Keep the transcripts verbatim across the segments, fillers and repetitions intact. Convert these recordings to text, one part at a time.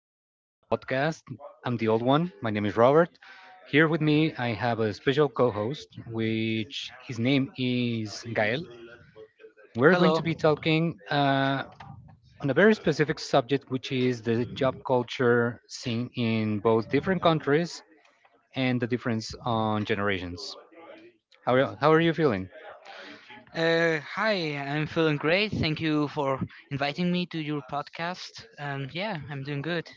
Bold podcast. I'm the old one. My name is Robert. Here with me, I have a special co host, which his name is Gael. We're going Hello. to be talking uh, on a very specific subject, which is the job culture seen in both different countries and the difference on generations. How, are- how are you feeling? Uh, hi, I'm feeling great. Thank you for inviting me to your podcast. And yeah, I'm doing good.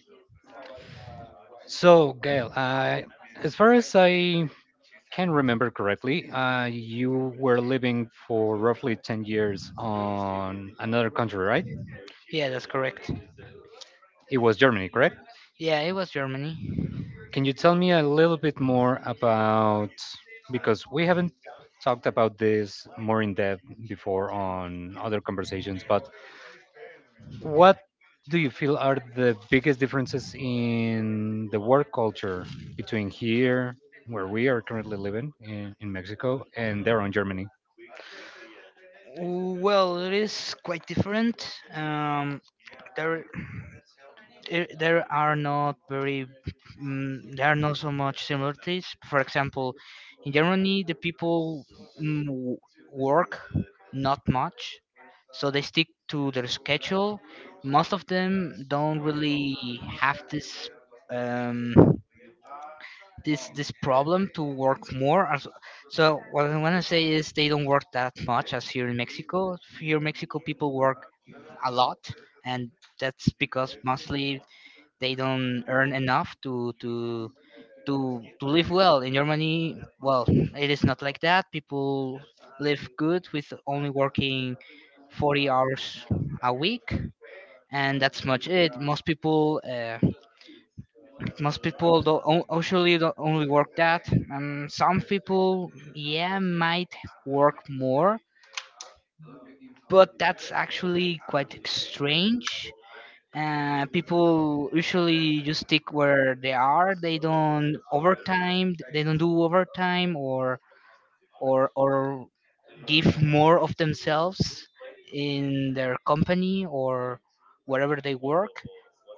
So, Gael, I, as far as I can remember correctly, uh, you were living for roughly ten years on another country, right? Yeah, that's correct. It was Germany, correct? Yeah, it was Germany. Can you tell me a little bit more about, because we haven't talked about this more in depth before on other conversations, but what do you feel are the biggest differences in the work culture between here, where we are currently living in, in Mexico, and there in Germany? Well, it is quite different. Um, there i- there are not very, mm, there are not so much similarities. For example, in Germany, the people mm, w- work not much, so they stick to their schedule. Most of them don't really have this um, this this problem to work more. as- So what I want to say is they don't work that much as here in Mexico. Here in Mexico, people work a lot, and that's because mostly they don't earn enough to to to to live well in Germany. Well, it is not like that. People live good with only working 40 hours a week, and that's much it. Most people, uh, most people don't o- usually don't only work that. Um, some people, yeah, might work more, but that's actually quite strange. Uh, people usually just stick where they are. They don't overtime. They don't do overtime or or or give more of themselves in their company or wherever they work.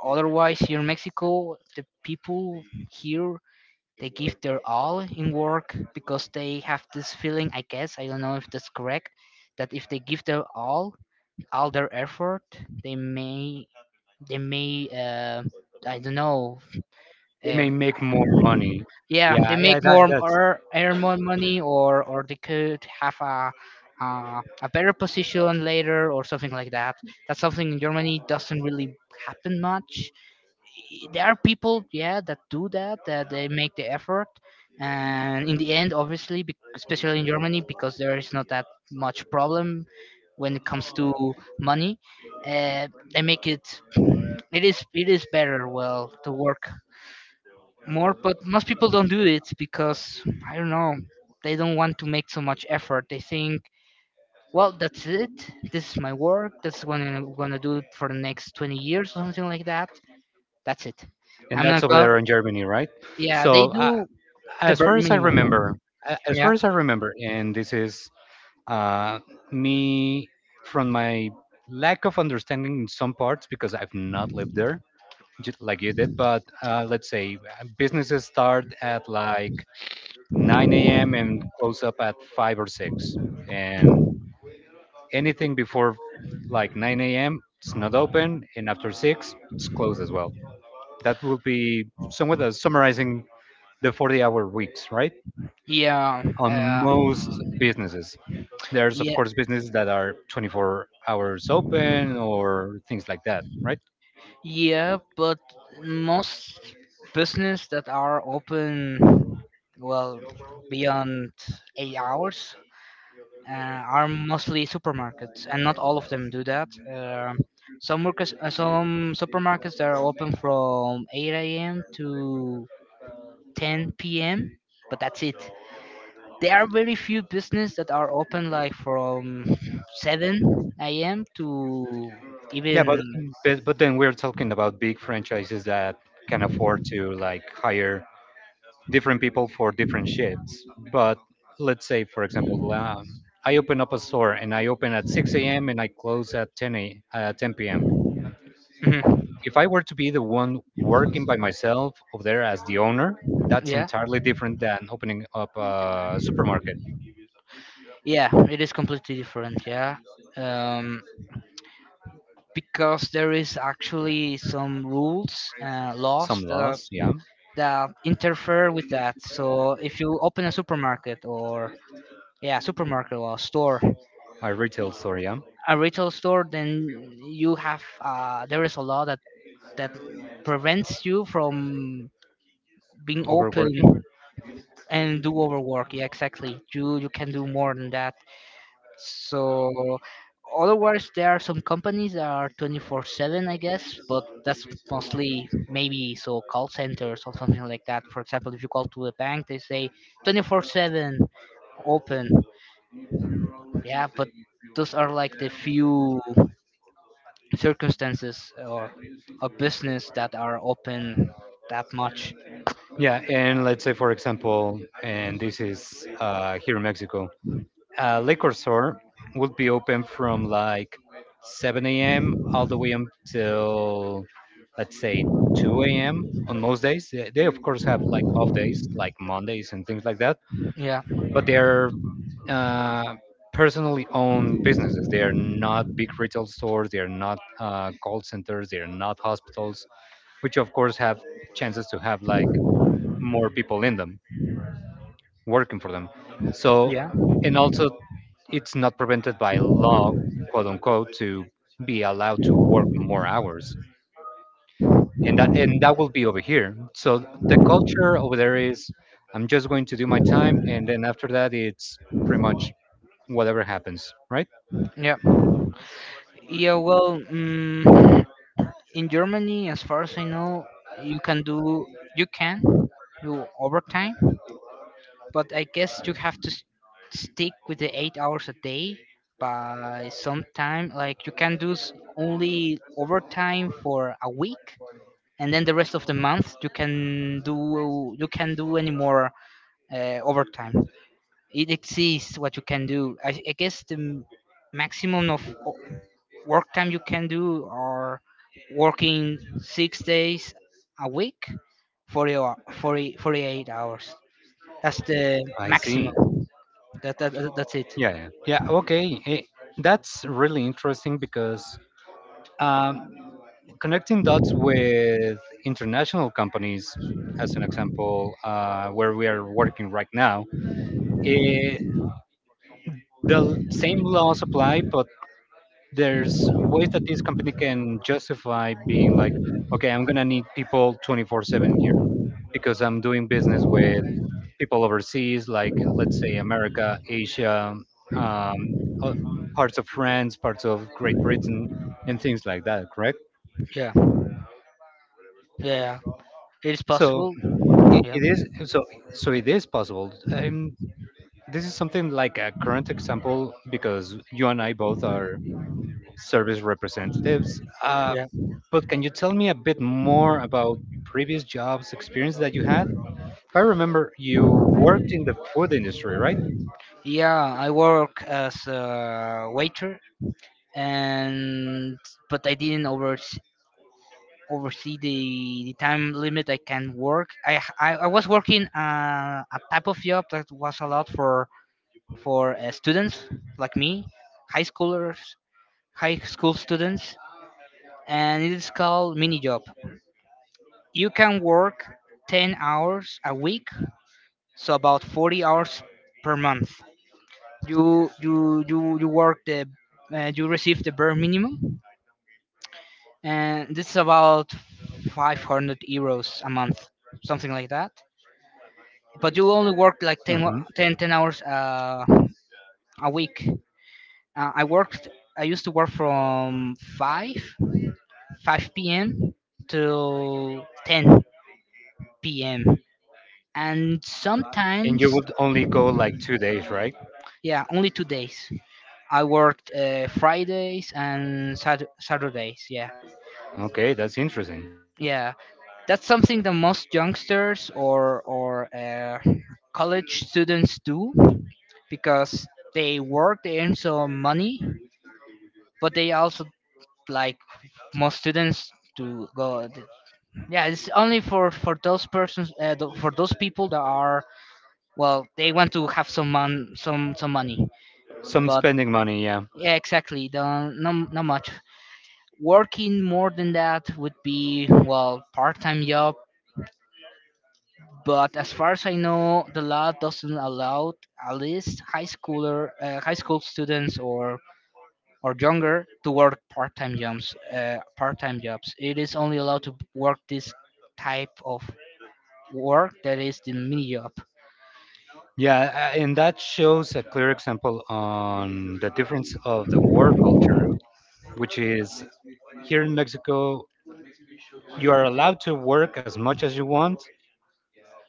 Otherwise, here in Mexico, the people here they give their all in work because they have this feeling. I guess I don't know if that's correct. That if they give their all, all their effort, they may they may uh, I don't know. They Uh, may make more money. yeah, they Yeah, make yeah, that, more that's or earn more money, or or they could have a uh, a better position later, or something like that. That's something in Germany doesn't really happen much. I- There are people, yeah, that do that, that they make the effort, and in the end, obviously, bec- especially in Germany, because there is not that much problem when it comes to money, uh, they make it. It is it is better, well, to work more, but most people don't do it because I don't know, they don't want to make so much effort. They think, well, that's it. This is my work. That's what I'm gonna do for the next 20 years or something like that. That's it. and I'm that's not over go. there in Germany, right? Yeah, they So, uh, do the as bare far as I minimum. remember, a- as Yeah, far as I remember, and this is uh, me from my lack of understanding in some parts because I've not lived there ju- like you did. But uh, let's say uh, businesses start at like nine a m and close up at five or six, and anything before like nine a m it's not open, and after six it's closed as well. That will be somewhat as summarizing the forty-hour weeks, right? yeah, On uh, most businesses, there's of yeah, course businesses that are twenty-four hours open or things like that, right? yeah. But most business that are open, well, beyond eight hours uh, are mostly supermarkets, and not all of them do that. Um some workers, uh, some supermarkets are open from eight a m to ten p m, but that's it. There are very few business that are open like from seven a m to Yeah, but even but, but then we're talking about big franchises that can afford to like hire different people for different shifts. But let's say, for example, um, I open up a store and I open at six a m and I close at ten uh, ten p m. Mhm. If I were to be the one working by myself over there as the owner, that's Yeah, entirely different than opening up a supermarket. yeah, it is completely different. Yeah, um because there is actually some rules uh, Some laws that loss, yeah. that interfere with that. So if you open a supermarket or yeah, supermarket or store, y- A retail store, yeah. a retail store, then you have uh, there is a law that that prevents you from being open Overworking. and do overwork. Yeah, exactly. You you can do more than that. So otherwise, there are some companies that are twenty-four seven, I guess, but that's mostly maybe so call centers or something like that. For example, if you call to a bank, they say twenty-four seven open. Yeah, but those are like the few circumstances or a business that are open that much. Yeah, and let's say, for example, and this is uh, here in Mexico, a liquor store would be open from like seven a m all the way until let's say two a m on most days. They, they of course have like off days, like Mondays and things like that, Yeah, but they're uh, personally owned businesses. They are not big retail stores. They are not uh, call centers. They are not hospitals, which of course have chances to have like more people in them working for them. yeah, So, and also it's not prevented by law, quote unquote, to be allowed to work more hours. And that and that will be over here. So the culture over there is I'm just going to do my time and then after that it's pretty much whatever happens, right? yeah. Yeah, well, mm in Germany, as far as I know, you can do you can do overtime, but I guess you have to s- stick with the eight hours a day by some time. Like you can do s- only overtime for a week, and then the rest of the month you can do you can do any more uh, overtime. It exceeds what you can do. I, I guess the m- maximum of work time you can do or working six days a week, forty or forty forty eight hours. That's the I maximum. see. That, that that- that's it. Yeah, yeah. Yeah, okay. Eh, That's really interesting because um, connecting dots with international companies, as an example, uh, where we are working right now, the l- same laws apply, but there's ways that this company can justify being like, okay, I'm gonna need people twenty-four seven here because I'm doing business with people overseas, like let's say America, Asia, um, uh, parts of France, parts of Great Britain, and things like that. Correct. Yeah, yeah, it is So possible. it, Yeah, it is so so it is possible. Um, this is something like a current example because you and I both are service representatives. Uh, yeah, But can you tell me a bit more about previous jobs, experience that you had? If I remember, you worked in the food industry, right? yeah. I work as a waiter and but I didn't oversee oversee the, the time limit I can work. i h- i, I was working uh, a type of job that was allowed for for uh, students like me, high schoolers, high school students, and it is called mini job. You can work 10 hours a week, so about 40 hours per month. You you you you work the uh, you receive the bare minimum, and this is about five hundred euros a month, something like that. But you only work like 10, wo- Hmm. 10, ten hours uh, a week. Uh, I worked. I used to work from five 5 p.m. to ten p m. And And you sometimes, would only go like two days, right? yeah, only two days. I worked uh, Fridays and Sat- Saturdays. Yeah, Okay, that's interesting. yeah. That's something that most youngsters or or uh, college students do because they work, they earn some money, but they also like most students to go. Yeah, it's only for for those persons, uh, th- for those people that are well they want to have some mon- some some money. Some But spending money, yeah. yeah, exactly, don't, no, not much. Working more than that would be, well, part-time job. But as far as I know, the law doesn't allow at least high schooler uh, high school students or or younger to work part-time jobs. Uh, part-time jobs it is only allowed to work this type of work that is the mini job. Yeah, a- and that shows a clear example on the difference of the work culture, which is here in Mexico, you are allowed to work as much as you want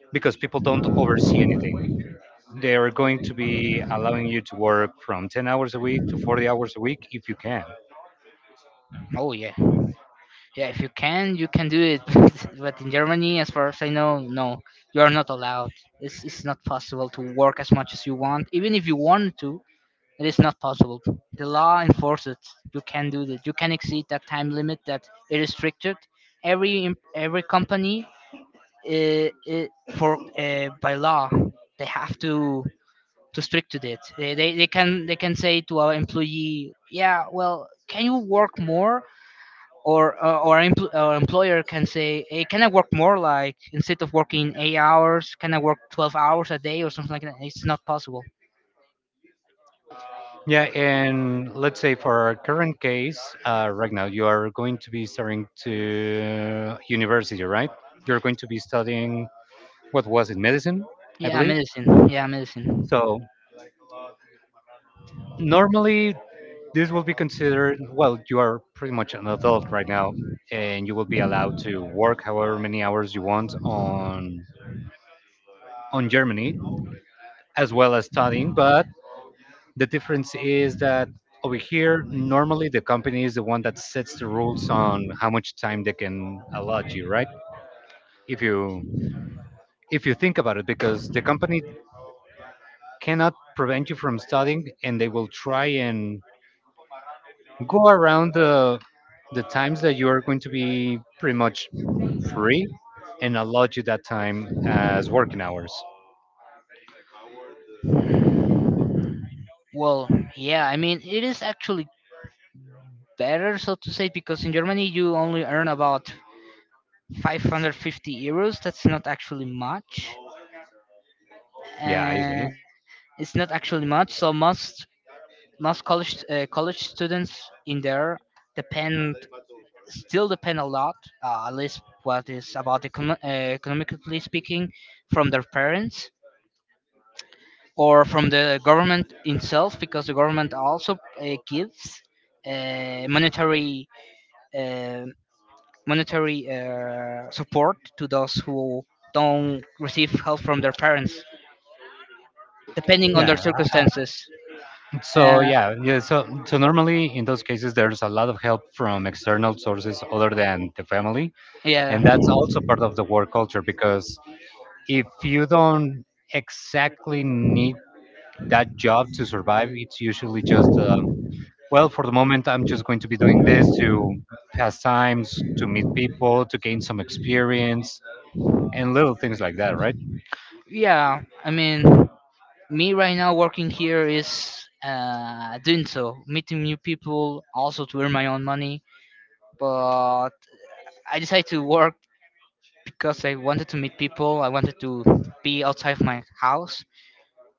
because people don't oversee anything. They are going to be allowing you to work from ten hours a week to forty hours a week if you can. Oh yeah. Yeah, if you can, you can do it. But in Germany, as far as I know, no, you are not allowed. It's, it's not possible to work as much as you want. Even if you want to, it is not possible. The law enforces it. You can do that. You can exceed that time limit that it is restricted. Every em- every company, uh, it, for uh, by law, they have to to strict to it. They, they they can they can say to our employee, yeah, well, can you work more? or uh, or an empl- or employer can say, "Hey, can I work more? Like instead of working eight hours, can I work twelve hours a day or something like that?" It's not possible. Yeah, and let's say for our current case, uh, right now you are going to be starting to university, right? You're going to be studying what was it, medicine, I Yeah, believe. medicine. Yeah, medicine. So normally this will be considered well, you are pretty much an adult right now, and you will be allowed to work however many hours you want on on Germany as well as studying, but the difference is that over here, normally the company is the one that sets the rules on how much time they can allot you, right? If you if you think about it, because the company cannot prevent you from studying, and they will try and go around the the times that you are going to be pretty much free and allot you that time as working hours. Well, yeah, I mean it is actually better, so to say, because in Germany you only earn about five hundred fifty euros. That's not actually much, Yeah, I and see. it's not actually much. So most most college uh, college students in there depend still depend a lot, uh, at least what is about econo- uh, economically speaking, from their parents or from the government itself, because the government also uh, gives uh, monetary uh, monetary uh, support to those who don't receive help from their parents, depending on their Yeah, circumstances. so Uh, yeah, yeah. So so normally in those cases, there's a lot of help from external sources other than the family, yeah, and that's also part of the work culture because if you don't exactly need that job to survive, it's usually just uh, well, for the moment, I'm just going to be doing this to pass times, to meet people, to gain some experience, and little things like that, right? yeah. I mean, me right now working here is uh, doing so, meeting new people, also to earn my own money. But I decided to work because I wanted to meet people. I wanted to be outside of my house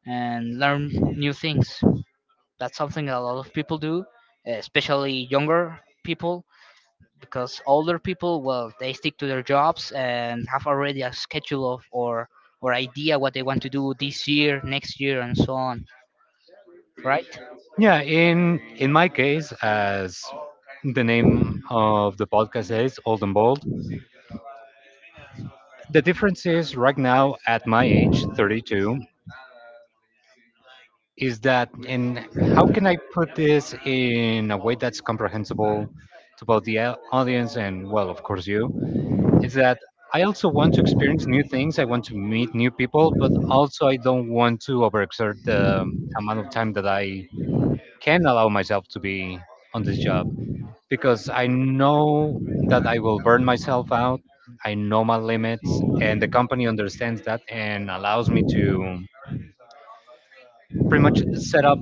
and learn new things. That's something a lot of people do, especially younger people, because older people, well, they stick to their jobs and have already a schedule of or or idea what they want to do this year, next year, and so on. Right? Yeah, in in my case, as the name of the podcast says, Old and Bold. The difference is right now at my age, thirty-two, is that in how can I put this in a way that's comprehensible to both the au- audience and, well, of course, you, is that I also want to experience new things. I want to meet new people, but also I don't want to overexert the amount of time that I can allow myself to be on this job, because I know that I will burn myself out. I know my limits, and the company understands that and allows me to pretty much set up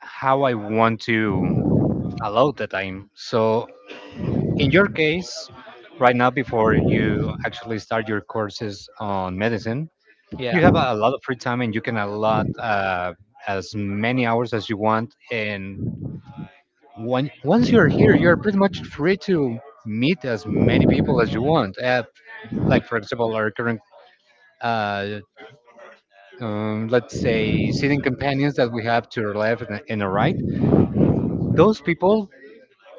how I want to allow the time. So, in your case, right now, before you actually start your courses on medicine, Yeah. you have a lot of free time and you can allot uh, as many hours as you want. And when, once you're here, you're pretty much free to meet as many people as you want. Uh, like for example our current uh, um, let's say sitting companions that we have to our left and and our right, those people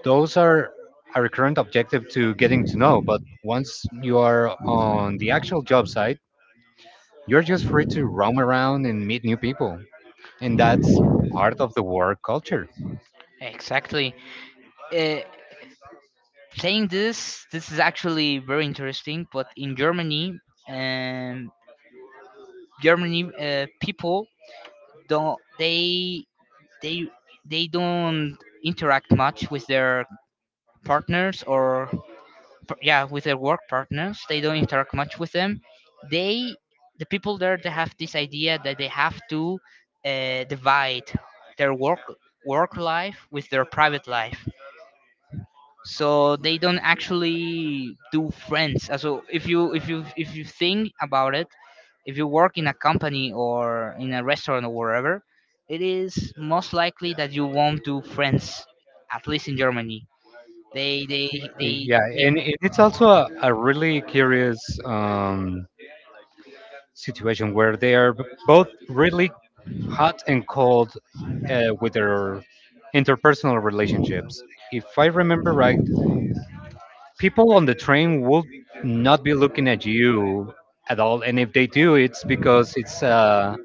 those are our current objective to getting to know. But once you are on the actual job site, you're just free to roam around and meet new people, and that's part of the work culture. Exactly. Uh, Saying this, this is actually very interesting. But in Germany, um, Germany uh, people don't they they they don't interact much with their partners or par- yeah, with their work partners. They don't interact much with them. They the people there they have this idea that they have to uh, divide their work work life with their private life, so they don't actually do friends. Uh, so if you if you if you think about it, if you work in a company or in a restaurant or wherever, it is most likely that you won't do friends, at least in Germany. They they they, Yeah, they and it- it's also a, a really curious um, situation where they are b- both really hot and cold uh, with their interpersonal relationships. If I remember right, people on the train will not be looking at you at all, and if they do, it's because it's uh,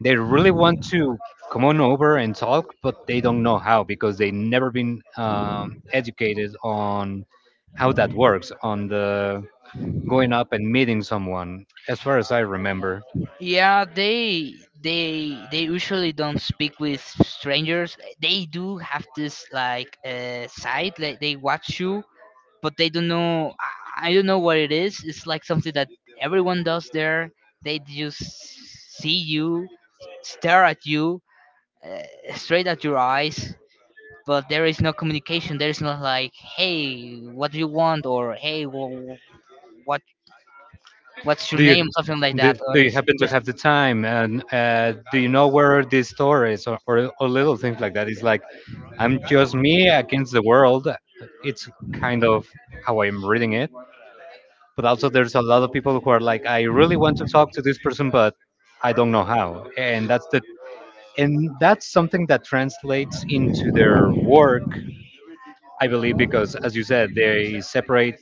they really want to come on over and talk, but they don't know how because they never been um, educated on how that works on the going up and meeting someone. As far as I remember, yeah, they they they usually don't speak with strangers. They do have this like uh, side, like they watch you, but they don't know. I I don't know what it is. It's like something that everyone does there. They just see you, stare at you, uh, straight at your eyes. But there is no communication. There is not like, hey, what do you want, or hey, wh- wh- what what's your Do you name, something like do, that. Or do you there's, happen to there's have the time and uh, do you know where this store is or, or or little things like that? It's like I'm just me against the world. It's kind of how I'm reading it, but also there's a lot of people who are like, I really want to talk to this person, but I don't know how, and that's the and that's something that translates into their work, I believe, because as you said, they separate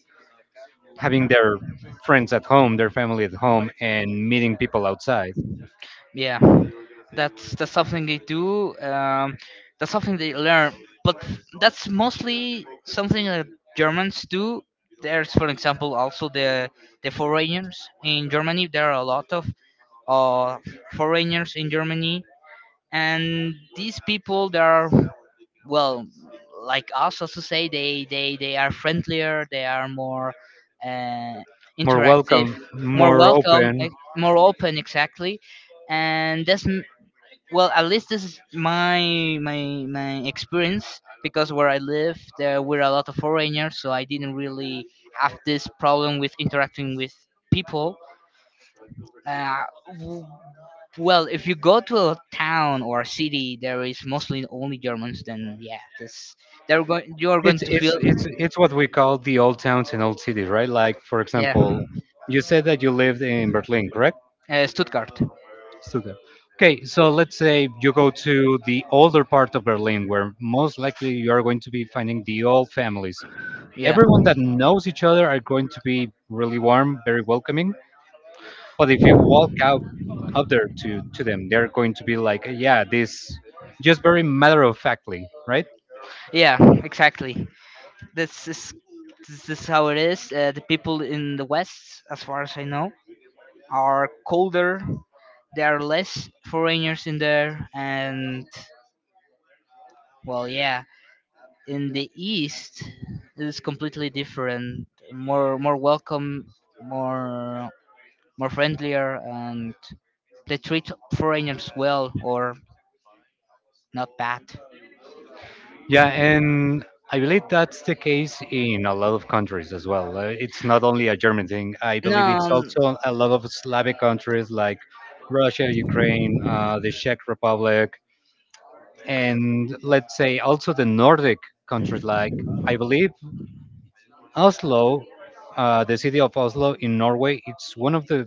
having their friends at home, their family at home, and meeting people outside, Yeah, that's that's something they do. Um, that's something they learn, but that's mostly something that Germans do. There's, for example, also the the foreigners in Germany. There are a lot of uh, foreigners in Germany, and these people, they are well, like us, also say they they they are friendlier. They are more uh, more interactive, welcome, more more welcome, open. eh, more open, exactly. And that's, well, at least this is my my my experience, because where I live there were a lot of foreigners, so I didn't really have this problem with interacting with people. uh, w- well, if you go to a town or a city, there is mostly only Germans, then yeah, this they're going, you are going It's to it's feel. it's it's what we call the old towns and old cities, right? Like for Yeah. example, you said that you lived in Berlin, correct? Uh, stuttgart. Stuttgart. Okay, so let's say you go to the older part of Berlin, where most likely you are going to be finding the old families. Yeah. Everyone that knows each other are going to be really warm, very welcoming. But if you walk out out there to to them, they're going to be like, yeah, this just very matter of factly, right? Yeah, exactly. this is this is how it is. Uh, the people in the west, as far as I know, are colder. There are less foreigners in there, and well, yeah. In the east, it is completely different. More more welcome, more, more friendlier, and they treat foreigners well, or not bad. Yeah, and I believe that's the case in a lot of countries as well. Uh, It's not only a German thing. I No. believe it's um, also a lot of Slavic countries like Russia, Ukraine, uh, the Czech Republic, and let's say also the Nordic countries like I believe Oslo, uh, the city of Oslo in Norway. It's one of the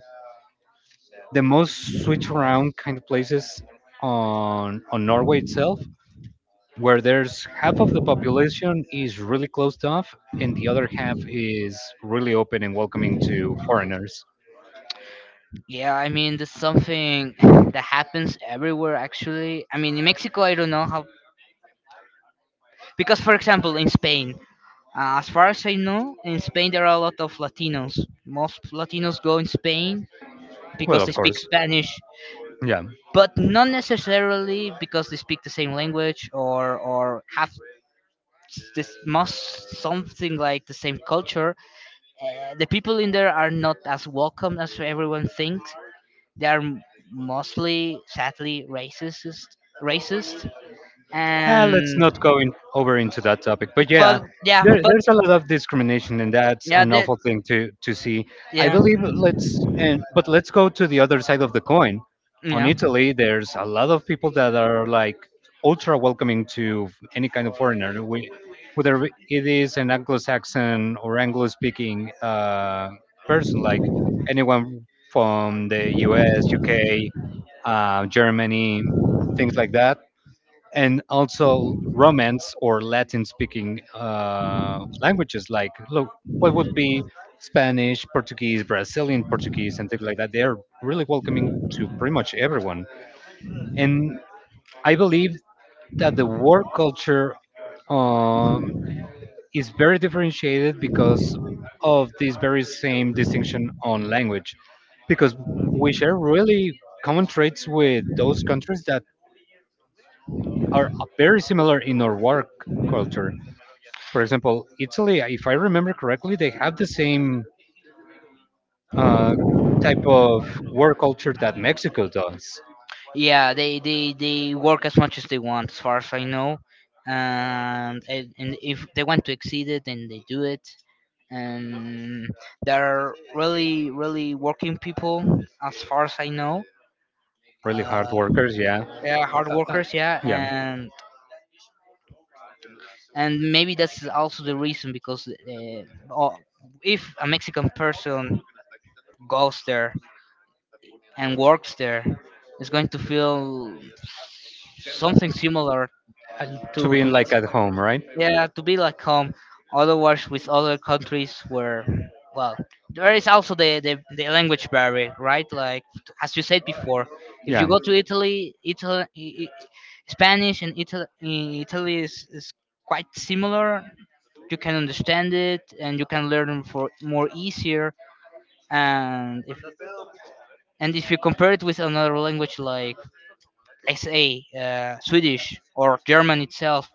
the most switch around kind of places on on Norway itself where there's half of the population is really closed off and the other half is really open and welcoming to foreigners. Yeah, I mean, there's something that happens everywhere actually. I mean, in Mexico, I don't know how, because for example in Spain, uh, as far as I know, in Spain there are a lot of Latinos. Most Latinos go in Spain Well, because they of speak course. Spanish, Yeah. but not necessarily because they speak the same language, or or have s- this must something like the same culture. Uh, the people in there are not as welcome as everyone thinks. They are m- mostly, sadly, racist, racist, Uh, let's and not go in, over into that topic. But but yeah, yeah, there, but there's a lot of discrimination, and that's yeah, an they, awful thing to, to see. I yeah, believe let's and but let's go to the other side of the coin. On yeah, Italy, there's a lot of people that are like ultra welcoming to any kind of foreigner, we, whether it is an Anglo-Saxon or Anglo-speaking uh, person, like anyone from the U S, U K, uh, Germany, things like that, and also Romance or Latin-speaking uh, languages. Like, look, what would be Spanish, Portuguese, Brazilian Portuguese, and things like that. They are really welcoming to pretty much everyone, and I believe that the work culture um, is very differentiated because of this very same distinction on language, because we share really common traits with those countries that are very similar in our work culture. For example, Italy, if I remember correctly, they have the same uh, type of work culture that Mexico does. yeah. They they they work as much as they want, as far as I know. And and and if they want to exceed it, then they do it, and they're really really working people, as far as I know. Really hard uh, workers, yeah, they are hard workers, yeah. yeah. and and maybe that's also the reason, because uh, oh, if a Mexican person goes there and works there, it's going to feel something similar Uh, to To be to like at Mexico. home, right? Yeah, to be like um, otherwise with other countries where, well, there is also the, the the language barrier, right? Like, as you said before, if you Yeah, go to Italy, Italy, Spanish and Italy, Italy is, is quite similar. You can understand it and you can learn for more easier. And if and if you compare it with another language, like, let's say uh, Swedish or German itself,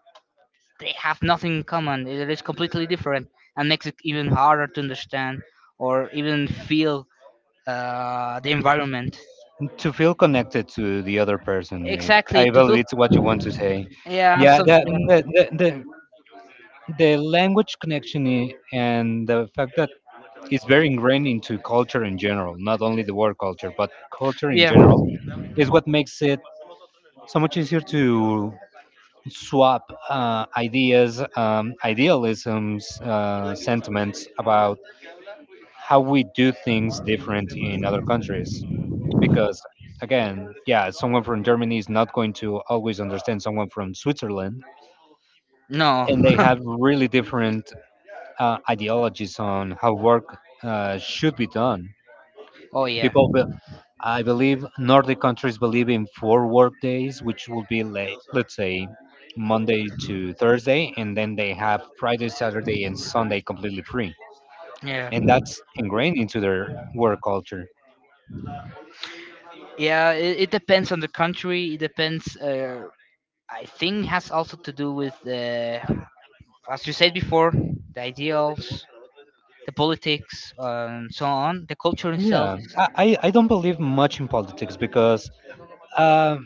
they have nothing in common. It is completely different, and makes it even harder to understand or even feel uh, the environment. to feel connected to the other person. Eh, Exactly, I to believe feel. it's what you want to say. Yeah, Yeah, some the yeah. the the, the, the language connection i- and the fact that it's very ingrained into culture in general, not only the work culture, but culture in Yeah. general, is what makes it so much easier to swap uh, ideas, um, idealisms, uh, sentiments about how we do things different in other countries. Because, again, yeah, someone from Germany is not going to always understand someone from Switzerland, No. and they have really different uh, ideologies on how work uh, should be done. Oh yeah. People, be- I believe Nordic countries believe in four work days, which will be like, let's say, Monday to Thursday, and then they have Friday, Saturday, and Sunday completely free. Yeah. And that's ingrained into their work culture. Yeah. It, it depends on the country. It depends. Uh, I think has also to do with the, as you said before, the ideals, the politics, uh, and so on. The culture itself Yeah, is. I, I I don't believe much in politics because, uh,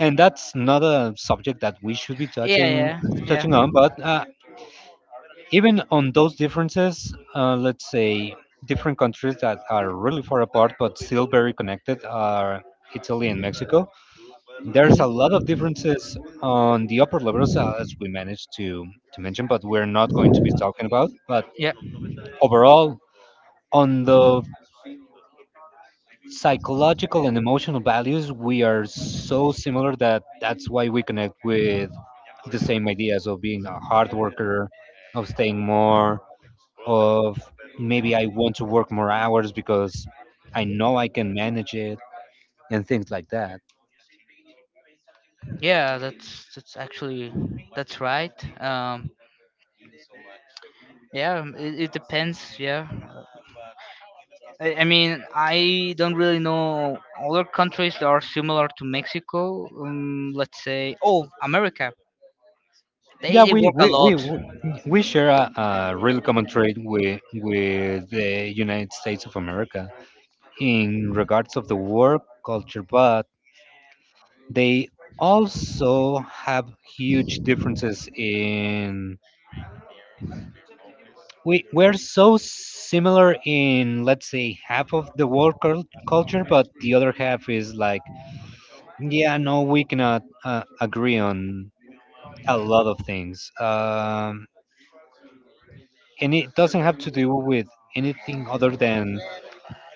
and that's not a subject that we should be touching Yeah. Yeah. Yeah. touching on. But uh, even on those differences, uh, let's say different countries that are really far apart but still very connected are Italy and Mhm. Mexico. There's a lot of differences on the upper levels uh, as we managed to to mention, but we're not going to be talking about. But Yeah. overall, on the psychological and emotional values, we are so similar that that's why we connect with the same ideas of being a hard worker, of staying more, of maybe I want to work more hours because I know I can manage it and things like that. Yeah, that's that's actually that's right. Um, yeah, um, it, it depends. Yeah, I, I mean, I don't really know other countries that are similar to Mexico. Um, let's say, oh, America. Yeah, They they we work a we we lot. we we share a, a real common trait with with the United States of America in regards of the work culture, but they also have huge differences in we we're so similar in, let's say, half of the work cul- culture, but the other half is like, yeah, no, we cannot uh, agree on a lot of things. Um, and it doesn't have to do with anything other than,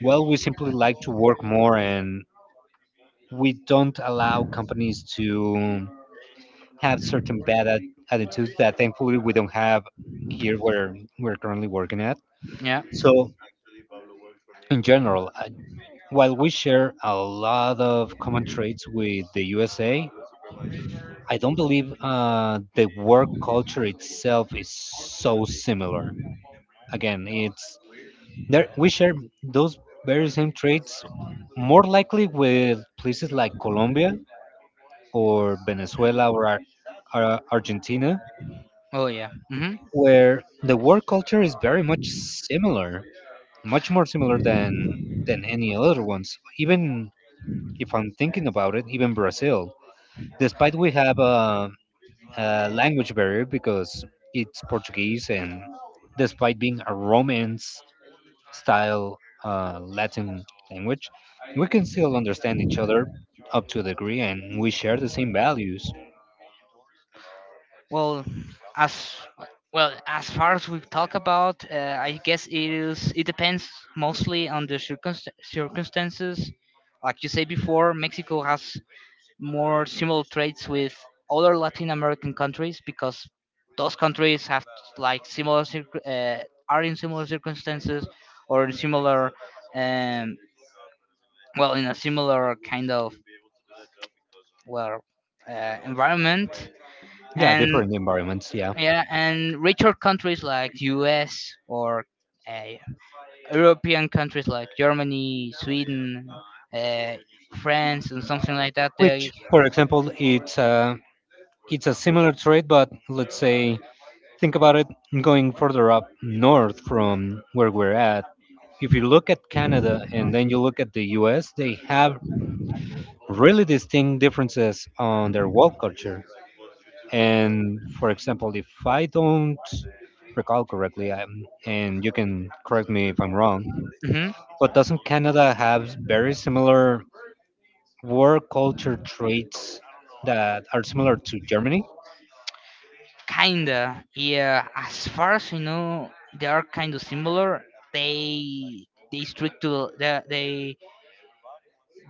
well, we simply like to work more and we don't allow companies to have certain bad at- attitudes that thankfully we don't have here where we're currently working at. Yeah. So, in general, I, while we share a lot of common traits with the U S A, I don't believe uh, the work culture itself is so similar. Again, it's there. We share those very same traits, more likely with places like Colombia or Venezuela or Ar- Ar- Argentina, Oh yeah. Hmm. where the work culture is very much similar, much more similar than than any other ones. Even if I'm thinking about it, even Brazil, despite we have uh, uh, language barrier because it's Portuguese, and despite being a Romance style uh, Latin language, we can still understand each other up to a degree, and we share the same values. Well, as, well, as far as we talk about, uh, I guess it is. It depends mostly on the circunst- circumstances. Like you say before, Mexico has more similar traits with other Latin American countries, because those countries have like similar circ- uh, are in similar circumstances, or in similar um, well, in a similar kind of, well, uh, environment. Yeah, And different environments. Yeah, yeah, and richer countries like U S or uh, European countries like Germany, Sweden, uh, France, and something like that. They. which, for example, it's uh, it's a similar trait, but let's say think about it going further up north from where we're at. If you look at Canada and then you look at the U S, they have really distinct differences on their work culture. And for example, if I don't recall correctly, um, and you can correct me if I'm wrong, Mhm. but doesn't Canada have very similar work culture traits that are similar to Germany? Kinda, yeah. As far as you know, they are kind of similar. They they strict to the the- they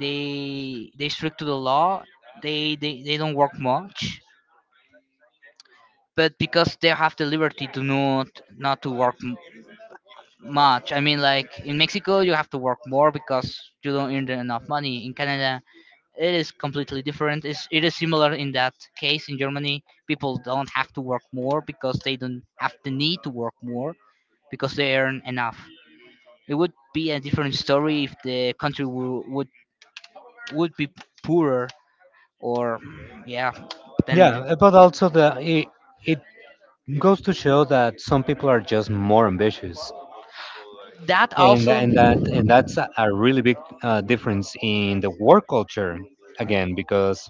they they strict to the law. They they, they don't work much, but because they have the liberty to not not to work much. I mean, like in Mexico, you have to work more because you don't earn enough money. In Canada, it is completely different. It's, it is similar in that case. In Germany, people don't have to work more because they don't have the need to work more, because they earn enough. It would be a different story if the country w- would would be poorer, or yeah. Then Yeah, th- uh, but also the it, it goes to show that some people are just more ambitious, that and tha- also. and that and that's a a really big uh, difference in the work culture again because,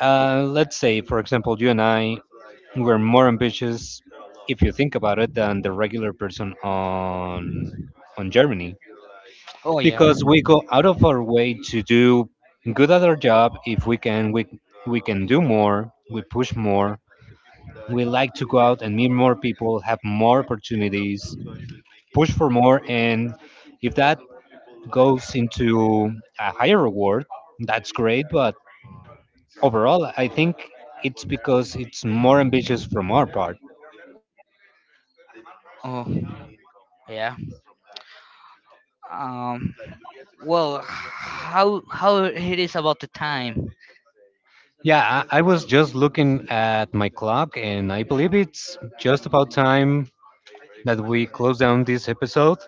Uh, let's say, for example, you and I were more ambitious, if you think about it, than the regular person on on Germany, Oh yeah. because we go out of our way to do good at our job. If we can, we we can do more. We push more. We like to go out and meet more people, have more opportunities, push for more, and if that goes into a higher reward, that's great. But overall, I think it's because it's more ambitious from our part. Oh yeah. Um. Well, how how it is about the time? Yeah, I, I was just looking at my clock, and I believe it's just about time that we close down this episode.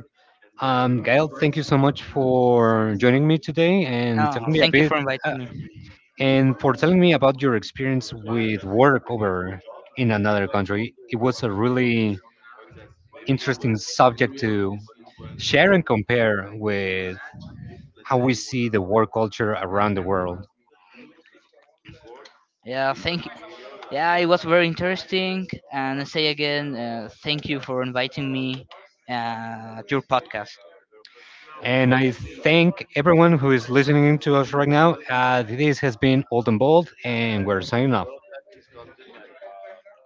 Um, Gail, thank you so much for joining me today and Oh, telling me a thank you bit for inviting uh, me. and for telling me about your experience with work over in another country. It was a really interesting subject to share and compare with how we see the work culture around the world. Yeah, thank you. Yeah, it was very interesting. And I say again, uh, thank you for inviting me uh, at your podcast. And I thank everyone who is listening to us right now. Uh, this has been Old and Bold, and we're signing off.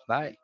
Bye.